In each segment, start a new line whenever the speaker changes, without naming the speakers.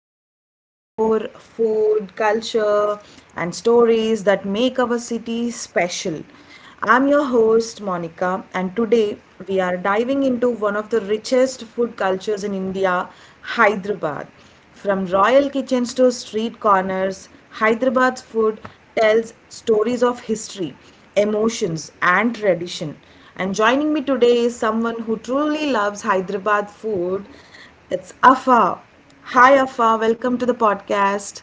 where we explore food, culture, and stories that make our city special. I'm your host Monica, and today we are diving into one of the richest food cultures in India, Hyderabad. From royal kitchens to street corners, Hyderabad's food tells stories of history, emotions, and tradition. And joining me today is someone who truly loves Hyderabad food. It's Afa. Hi, Afa. Welcome to the podcast.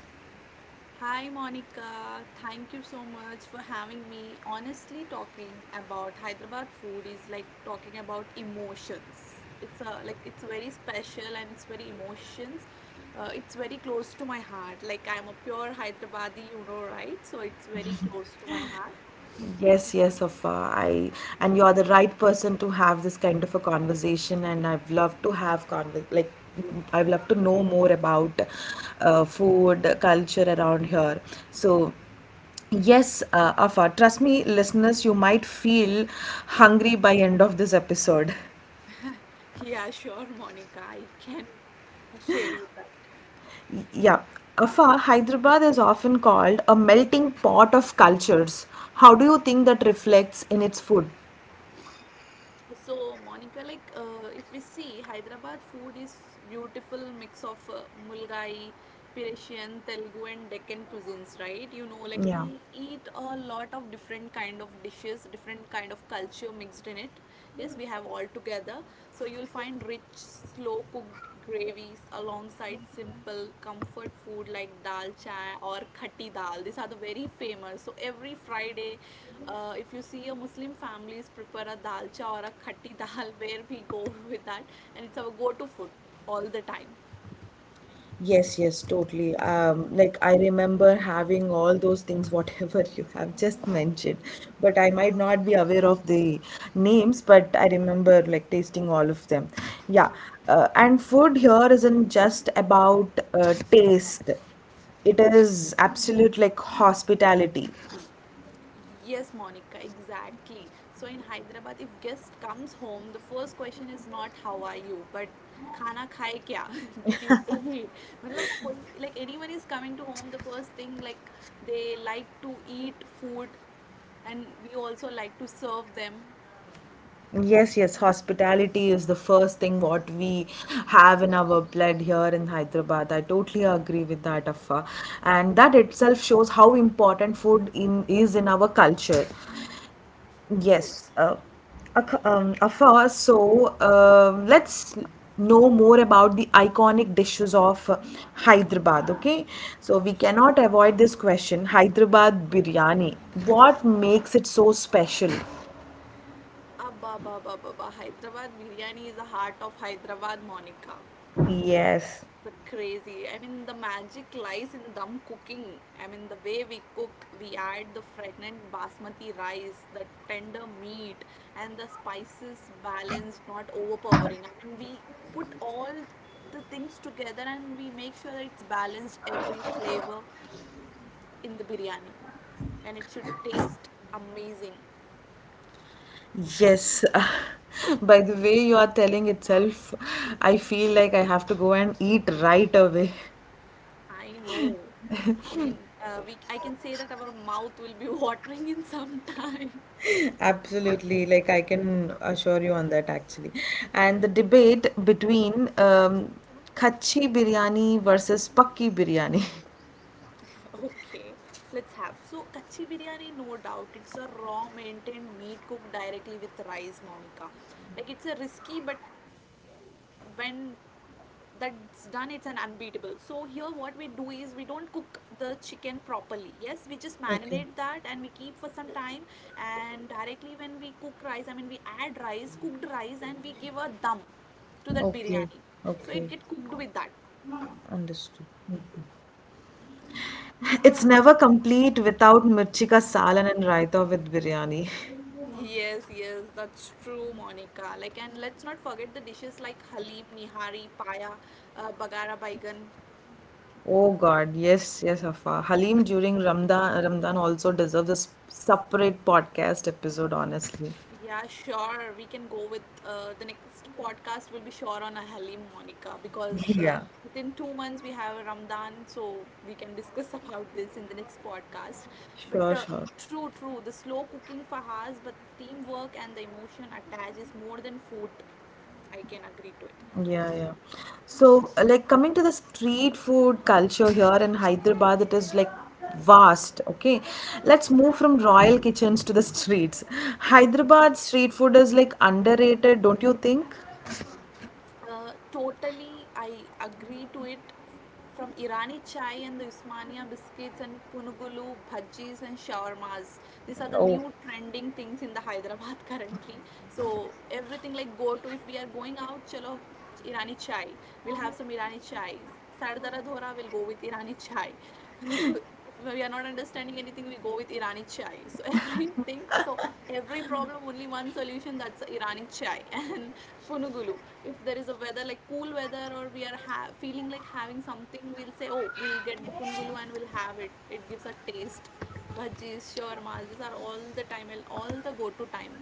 Hi Monica, thank you so much for having me. Honestly, talking about Hyderabad food is like talking about emotions. It's a like it's very special and it's very emotions. It's very close to my heart. Like I'm a pure Hyderabadi, you know, right? So it's very close to my heart.
Yes, yes, of I and you are the right person to have this kind of a conversation, and I've loved to have conver like I've loved to know more about food culture around here. So, yes. Afa, trust me, listeners, you might feel hungry by end of this episode.
Yeah, sure, Monica, I can share you that.
Yeah, Afa, Hyderabad is often called a melting pot of culture.
So, Monica, if we see Hyderabad food is beautiful mix of Mulgai, Persian, Telugu, and Deccan cuisines, right? You know, like we eat a lot of different kind of dishes, different kind of culture mixed in it. Yes, we have all together. So you'll find rich, slow cooked gravies alongside simple comfort food like dal chai or khatti dal. These are the very famous. So every Friday if you see a Muslim families prepare a dalcha or a khatti dal, where we go with that, and it's our go-to food all the time. Yes, Monica, exactly. So in Hyderabad, if guest comes home, the first question is not how are you, but खाना खाए क्या did you eat मतलब कोई like anyone is coming to home the first thing like they like to eat food and we also like to serve them Abba, Baba, Baba. Hyderabad biryani is the heart of Hyderabad, Monica. It's crazy. I mean, the magic lies in the dum cooking. I mean, the way we cook, we add the fragrant basmati rice, the tender meat, and the spices balanced, not overpowering. I mean, we put all the things together and we make sure that it's balanced every flavor in the biryani, and it should taste amazing. I know. I mean, we I can say that our mouth will be watering in some time. Okay, let's have. So, kachi biryani, no doubt, it's a raw maintained meat cooked directly with rice, Monica. Like it's a risky, but when that's done it's an unbeatable. So here what we do is we don't cook the chicken properly. Yes, we just marinate that and we keep for some time, and directly when we cook rice. I mean, we add rice, cooked rice, and we give a dum to that biryani, so it get cooked with that. Yes, yes, that's true, Monica. Like, and let's not forget the dishes like halim, nihari, paya, bagara baigan. Yeah, sure. We can go with the next podcast will be sure on a Halim, Monica, because within 2 months we have a Ramadan, so we can discuss about this in the next podcast. But true, true, the slow cooking for us, but the teamwork and the emotion attached is more than food. I can agree to it. Totally, I agree to it. From Irani chai and the Usmania biscuits and punugulu, bhajis, and shawarmas, these are the new trending things in the Hyderabad currently. So everything like go to, if we are going out, chalo Irani chai. We'll have some Irani chai. Sardara dhora will go with Irani chai. If we are not understanding anything we go with Irani chai, so everything, so every problem only one solution, that's Irani chai. And punugulu, if there is a weather like cool weather or we are feeling like having something, we'll say oh we'll get the punugulu and we'll have it. It gives a taste. Bhajis, shawarmas, these are all the time, all the go to time.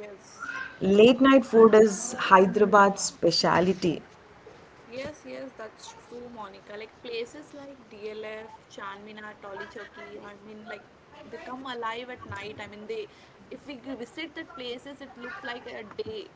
Yes. Yes, yes, that's true, Monica. Like places like DLF, Chanminar, Tolichoki, I mean, like they come alive at night. I mean, they if we visit that places, it looks like a day.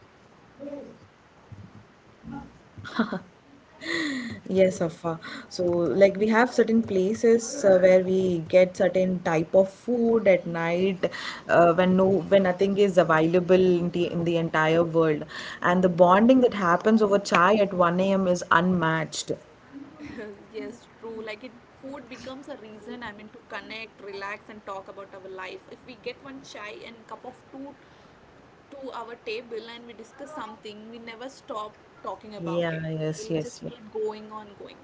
Yes, true. Like it, food becomes a reason. I mean, to connect, relax, and talk about our life. If we get one chai and cup of tea to our table and we discuss something, we never stop talking about it. We'll just keep going on going.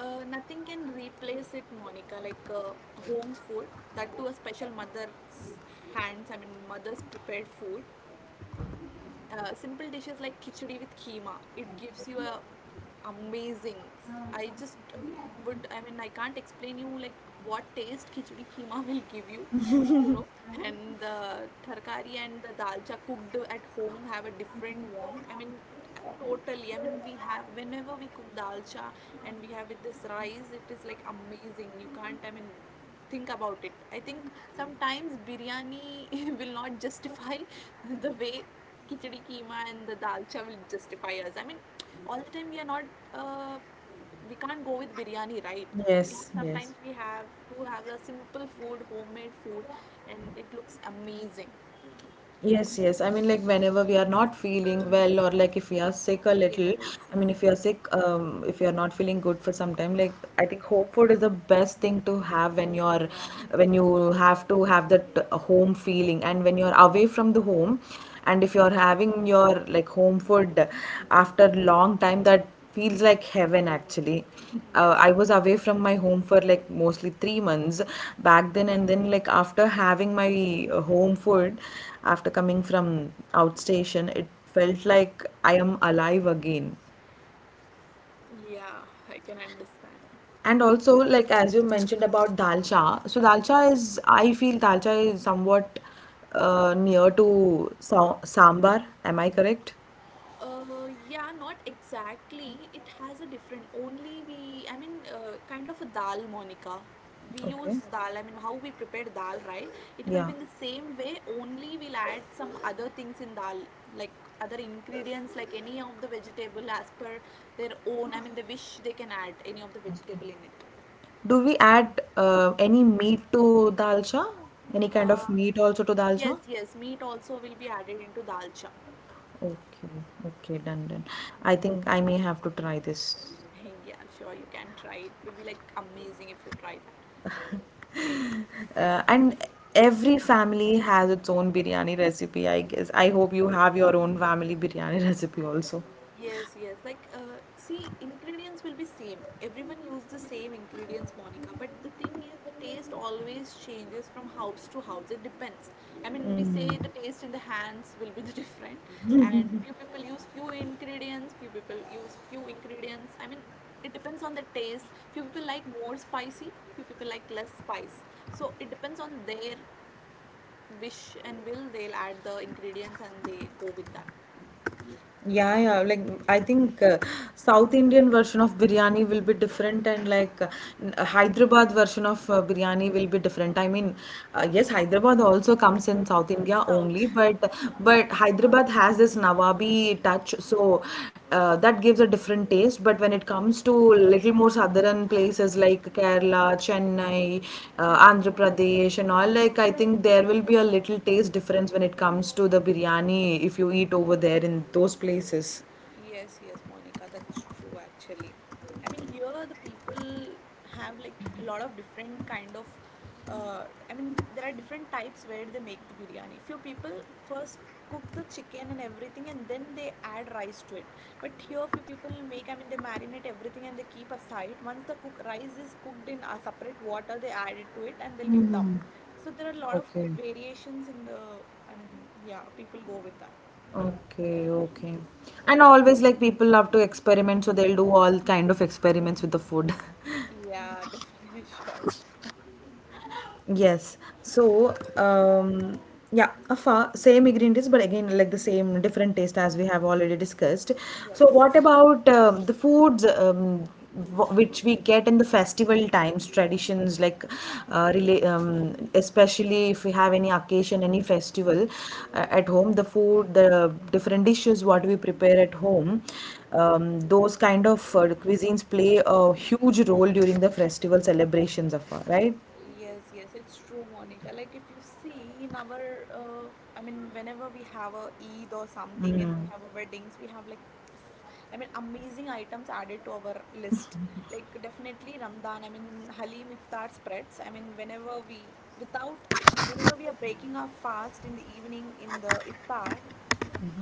Nothing can replace it, Monica. Like home's food, that too a special mother's hands. I mean, mother's prepared food, simple dishes like khichdi with keema. It gives you a amazing. I just would. I mean, I can't explain you like what taste khichdi keema will give you. You know, and the tarkari and the dalcha cooked at home have a different warmth. I mean, totally. I mean, we have whenever we cook dalcha and we have with this rice, it is like amazing. You can't. I mean, think about it. I think sometimes biryani will not justify the way khichdi keema and the dalcha will justify us. I mean, all the time we are not, uh, we can't go with biryani, right? We sometimes we have to have the simple food, homemade food, and it looks amazing. Yes, yes, true. Yeah, I can understand. Yeah, not exactly. It has a different. Only we, I mean, kind of a dal, Monica. We use dal. I mean, how we prepare dal, right? It will be in the same way. Only we'll add some other things in dal, like other ingredients, like any of the vegetable as per their own. I mean, they wish they can add any of the vegetable in it. Uh, yes, yes. Meat also will be added into dalcha. Yeah, sure. You can try. It will be like amazing if you try that. Yes, yes. Like, see, ingredients will be same. Everyone use the same ingredients, Monica. But the thing is, the taste always changes from house to house. It depends. I mean, we say the taste in the hands will be the different, and few people use few ingredients, few people use few ingredients. I mean, it depends on the taste. Few people like more spicy, few people like less spice. So it depends on their wish and will. They'll add the ingredients and they go with that. South. Yes, yes, Monica, that's true actually. I mean, here the people have like a lot of different kind of I mean, there are different types where they make the biryani. Few people first cook the chicken and everything and then they add rice to it. But here few people make, I mean, they marinate everything and they keep aside. Once the cook rice is cooked in a separate water, they add it to it and they'll give dum. So there are a lot of variations in the, I mean, yeah, people go with that. Yeah, definitely sure. Yes, yes, yes, it's true, Monica. Like if you see in our, I mean, whenever we have a Eid or something and we have weddings, we have like, I mean, amazing items added to our list. Like definitely Ramadan. I mean, Halim iftar spreads. I mean, whenever we, without, whenever we are breaking our fast in the evening in the iftar.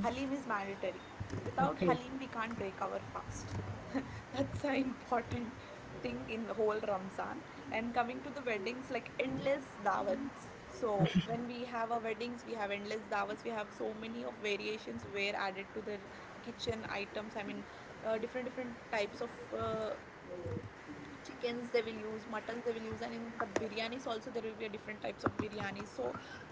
Halim is mandatory. Without Halim, we can't break our fast. That's an important thing in the whole Ramzan. And coming to the weddings, like endless dawats. So when we have our weddings, we have endless dawats. We have so many of variations were added to the kitchen items. I mean, different different types of chickens they will use, muttons they will use, and in the biryanis also there will be a different types of biryani. So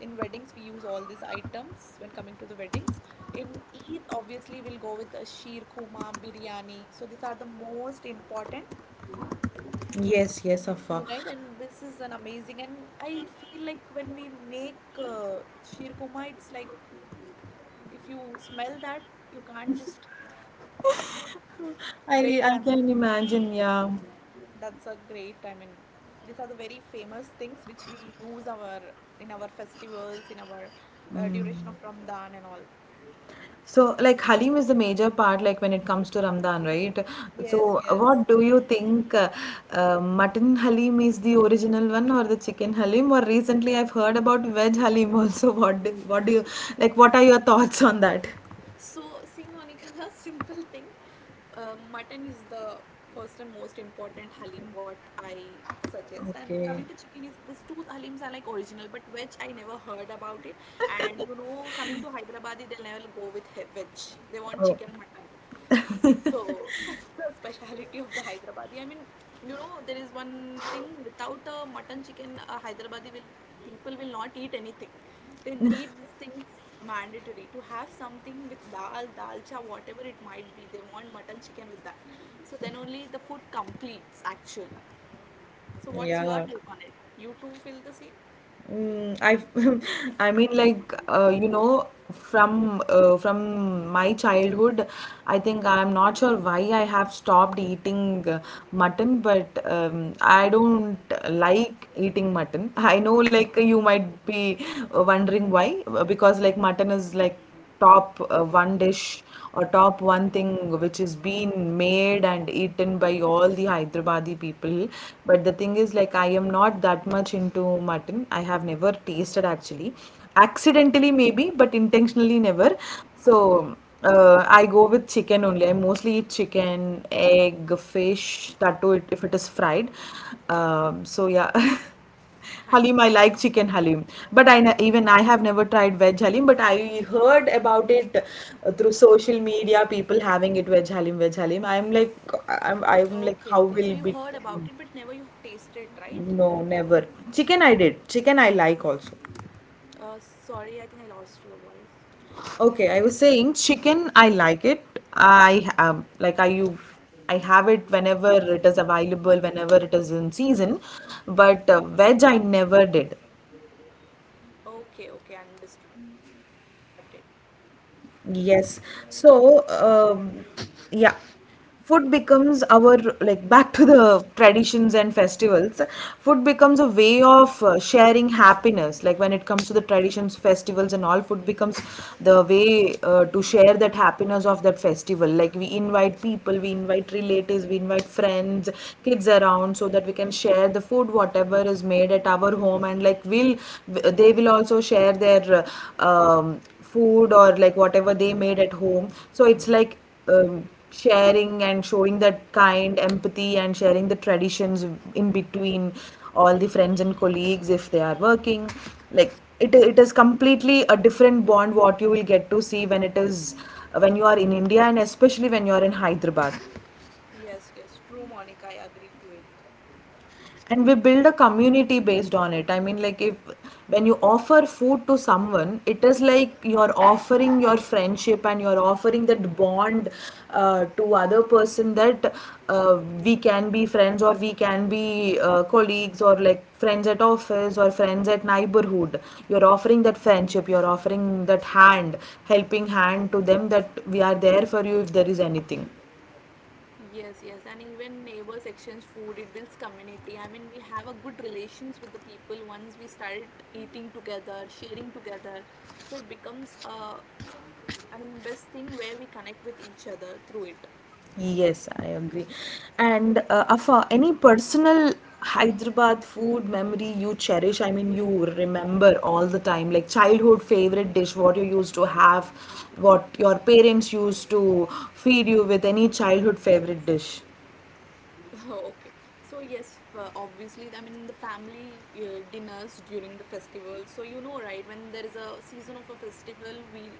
in weddings we use all these items when coming to the weddings. In Eid obviously we'll go with a sheer khuma biryani, so these are the most important unite, and this is an amazing. And I feel like when we make sheer khuma it's like, if you smell that you can't just wait. And that's a great, I mean, these are the very famous things which we use our in our festivals, in our duration of Ramadan and all. Yes, yes. So, see, Monica, simple thing. Mutton is the first and most important halim what I suggest. And coming to chicken is, these two halims are like original, but veg I never heard about it. And you know, coming to Hyderabad, they'll never go with veg. They want chicken mutton. So that's the speciality of the Hyderabadi. I mean, you know, there is one thing, without a mutton chicken, a Hyderabadi will people will not eat anything. They need these things mandatory. To have something with dal, dalcha, whatever it might be, they want mutton chicken with that. So then only the food completes actually. So what's your take on it? You too feel the same? I know. Okay, okay. So you heard about it, but never you have tasted, right? Sorry, I think I lost your voice. Okay, okay, understood, got it. Yes, yes, true, Monica. I agree to it. Yes, yes, and even neighbors exchange food, it builds community. I mean, we have a good relations with the people once we started eating together, sharing together. So it becomes a, I mean, best thing where we connect with each other through it. Okay. So yes, obviously, I mean the family dinners during the festival. So you know, right? When there is a season of a festival, we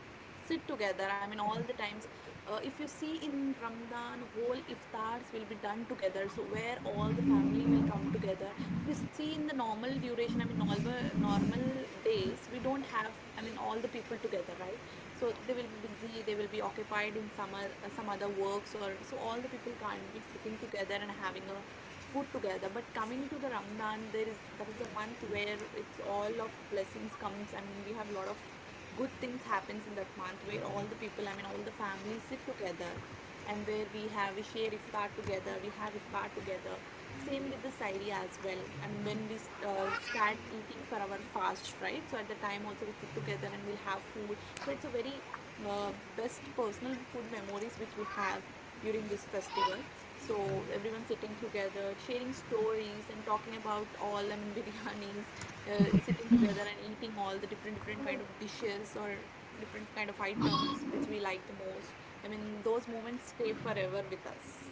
sit together. I mean, all the times. If you see in Ramadan, whole iftars will be done together. So where all the family will come together. If you see in the normal duration, I mean, normal days, we don't have. I mean, all the people together, right? So they will be occupied in some, some other works, or so all the people can't be sitting together and having a food together. But coming to the Ramadan, there is, that is a month where it's all of blessings comes. I mean, we have a lot of good things happens in that month, where all the people, I mean, all the families sit together, and where we share iftar together, we have iftar together. Same with the sairi as well. I mean, when we start eating for our fast, right? So at the time also we sit together and we'll have food. So it's a very best personal food memories which we have during this festival. So everyone sitting together, sharing stories and talking about all, I mean, biryanis, sitting together and eating all the different kind of dishes, or different kind of items which we like the most. I mean, those moments stay forever with us.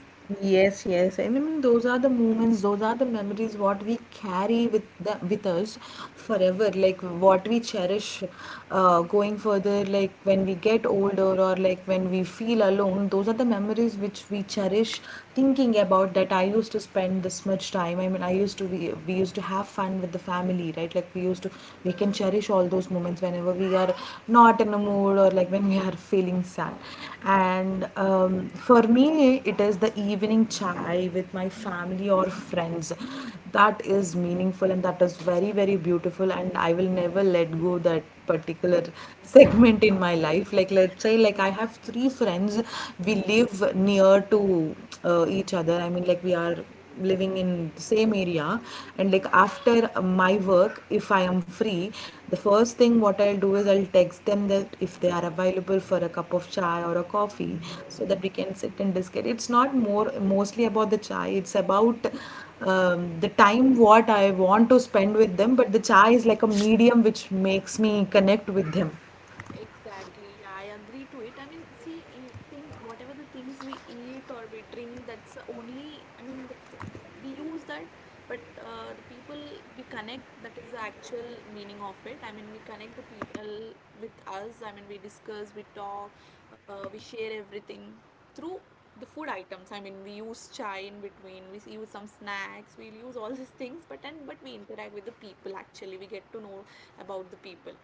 Exactly, yeah, I agree to it. I mean, see, eating whatever the things we eat or we drink, that's only, I mean, that's, we use that, but the people we connect, that is the actual meaning of it. I mean, we connect the people with us. I mean, we discuss, we talk, we share everything through the food items. I mean, we use chai in between, we use some snacks, we use all these things, but, and but we interact with the people actually, we get to know about the people.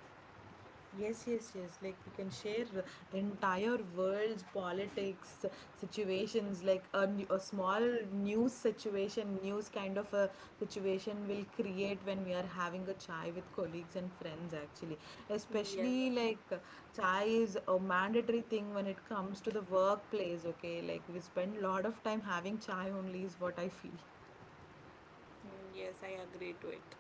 Yes. Mm, yes, I agree to it.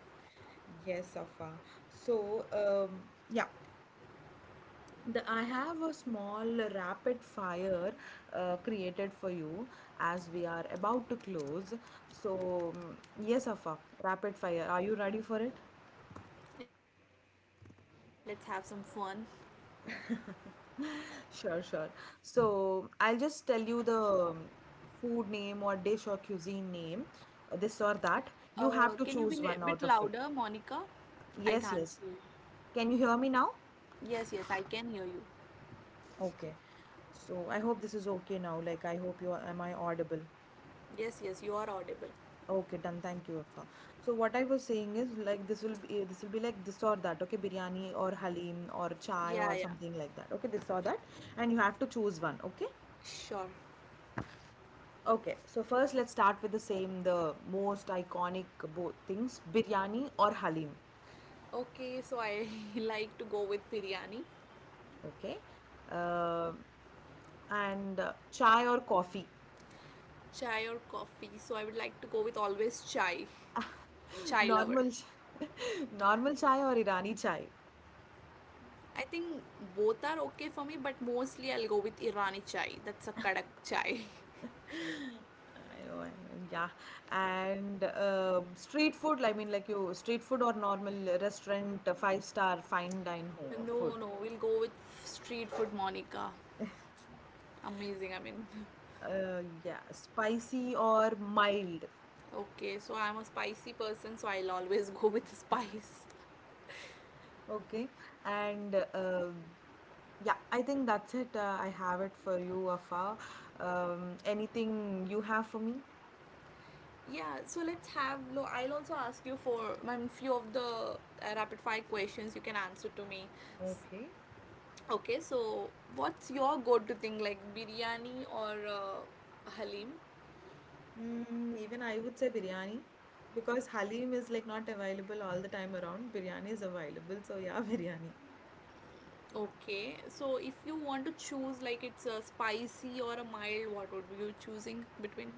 Yes, Monica, we can have it. Let's have some fun. Can you be a bit louder, Monica? I can't hear you. Yes, yes, I can hear you. Yes, yes, you are audible. Yeah, yeah, sure. Okay, so I like to go with biryani, chai or coffee. So I would like to go with always chai, chai lover. I think both are okay for me, but mostly I'll go with Irani chai. That's a kadak chai. No, no, we'll go with street food, Monica. Amazing, I mean. Okay, so I'm a spicy person, so I'll always go with spice. Yeah, so let's have. I'll also ask you for my few of the rapid fire questions you can answer to me. S- Okay, so what's your go to thing like biryani or halim? Okay, so if you want to choose like it's a spicy or a mild, what would you choosing between?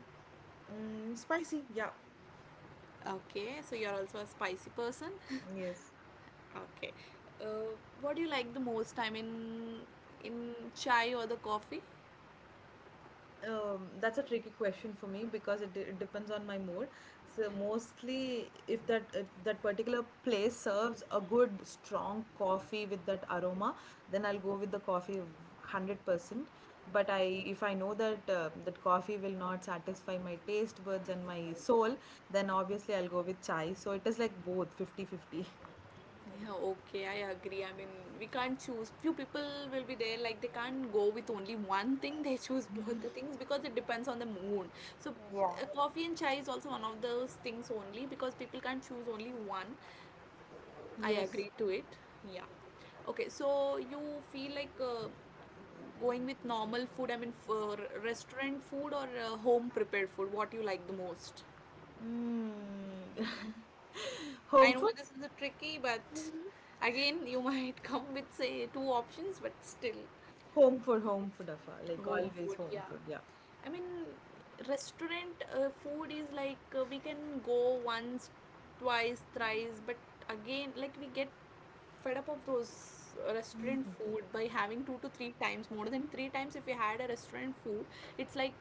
Okay, so you're also a spicy person. Okay, uh, what do you like the most? I mean, in chai or the coffee? Yeah, okay, I agree. I mean, we can't choose. Few people will be there like they can't go with only one thing. They choose both the things because it depends on the mood. So, coffee and chai is also one of those things only because people can't choose only one. I agree to it. Yeah. Okay, so you feel like going with normal food, I mean, for restaurant food or home prepared food, what you like the most? I know this is a tricky, but again, you might come with say two options, but still, home food, yeah. I mean, restaurant food is like we can go once, twice, thrice, but again, like we get fed up of those restaurant food by having two to three times. More than three times if we had a restaurant food, it's like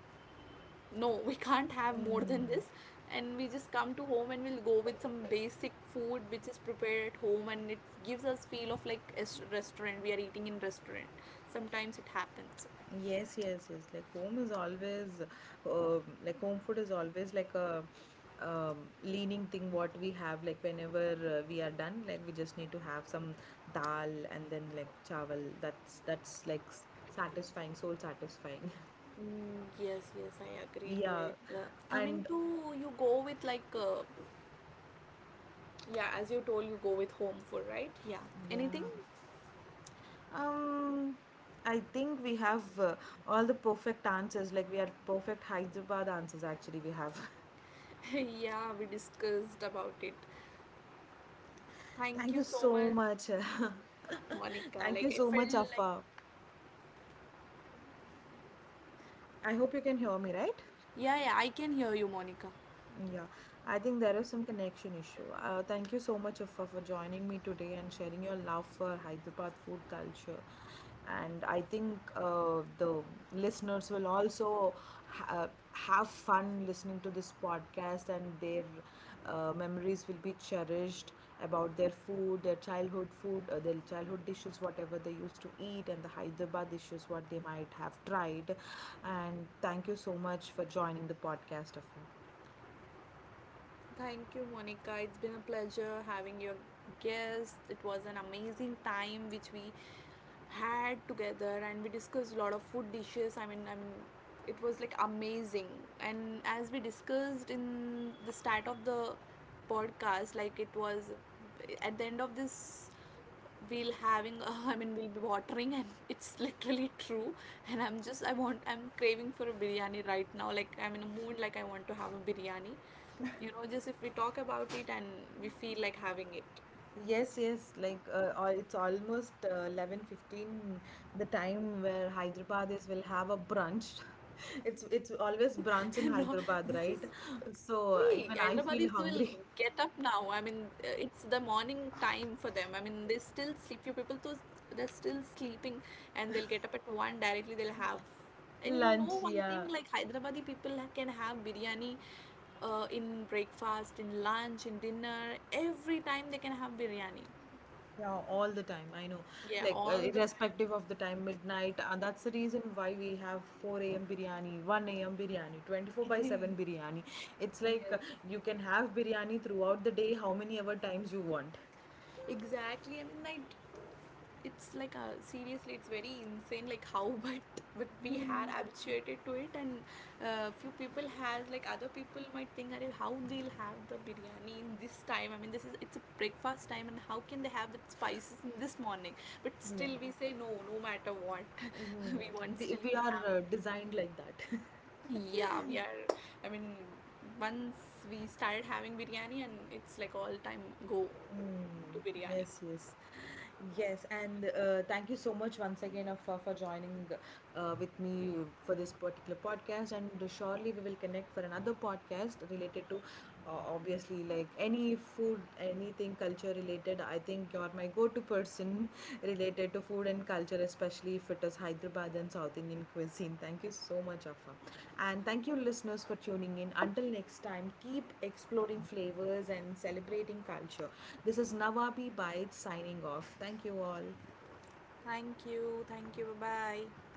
no, we can't have more than this. And we just come to home and we'll go with some basic food which is prepared at home, and it gives us feel of like a restaurant, we are eating in restaurant. Sometimes it happens. Mm, yes, yes, I agree to it. Coming to you go with like yeah, as you told, you go with home food, right? Yeah, anything. Yeah, we discussed about it. Thank you so much, Monica. Like I felt like, yeah, yeah, I can hear you, Monica. Thank you, Monica. It's been a pleasure having your guest. It was an amazing time which we had together, and we discussed a lot of food dishes. I mean, it was like amazing. And as we discussed in the start of the podcast, like it was at the end of this we'll having I mean, we'll be watering, and it's literally true. And I'm just, I want, I'm craving for a biryani right now. Like I'm in a mood, like I want to have a biryani, you know, just if we talk about it and we feel like having it. No, this is actually Hyderabadis will get up now, I mean, it's the morning time for them. I mean, they still sleep, you people, those, they're still sleeping, and they'll get up at one directly they'll have. And you know one thing, like Hyderabadi people can have biryani in breakfast, in lunch, in dinner. Every time they can have biryani. Yeah, all the time. Yes. Exactly. I mean, like, it's like a seriously it's very insane like how but we had habituated to it. And few people has like other people might think, "Arey, how they'll have the biryani in this time, I mean, this is, it's a breakfast time, and how can they have the spices in this morning?" But still we say no, no matter what, we want, still we'll have. Yeah, we are, I mean, once we started having biryani, and it's like all time go to biryani. Thank you, thank you, bye bye.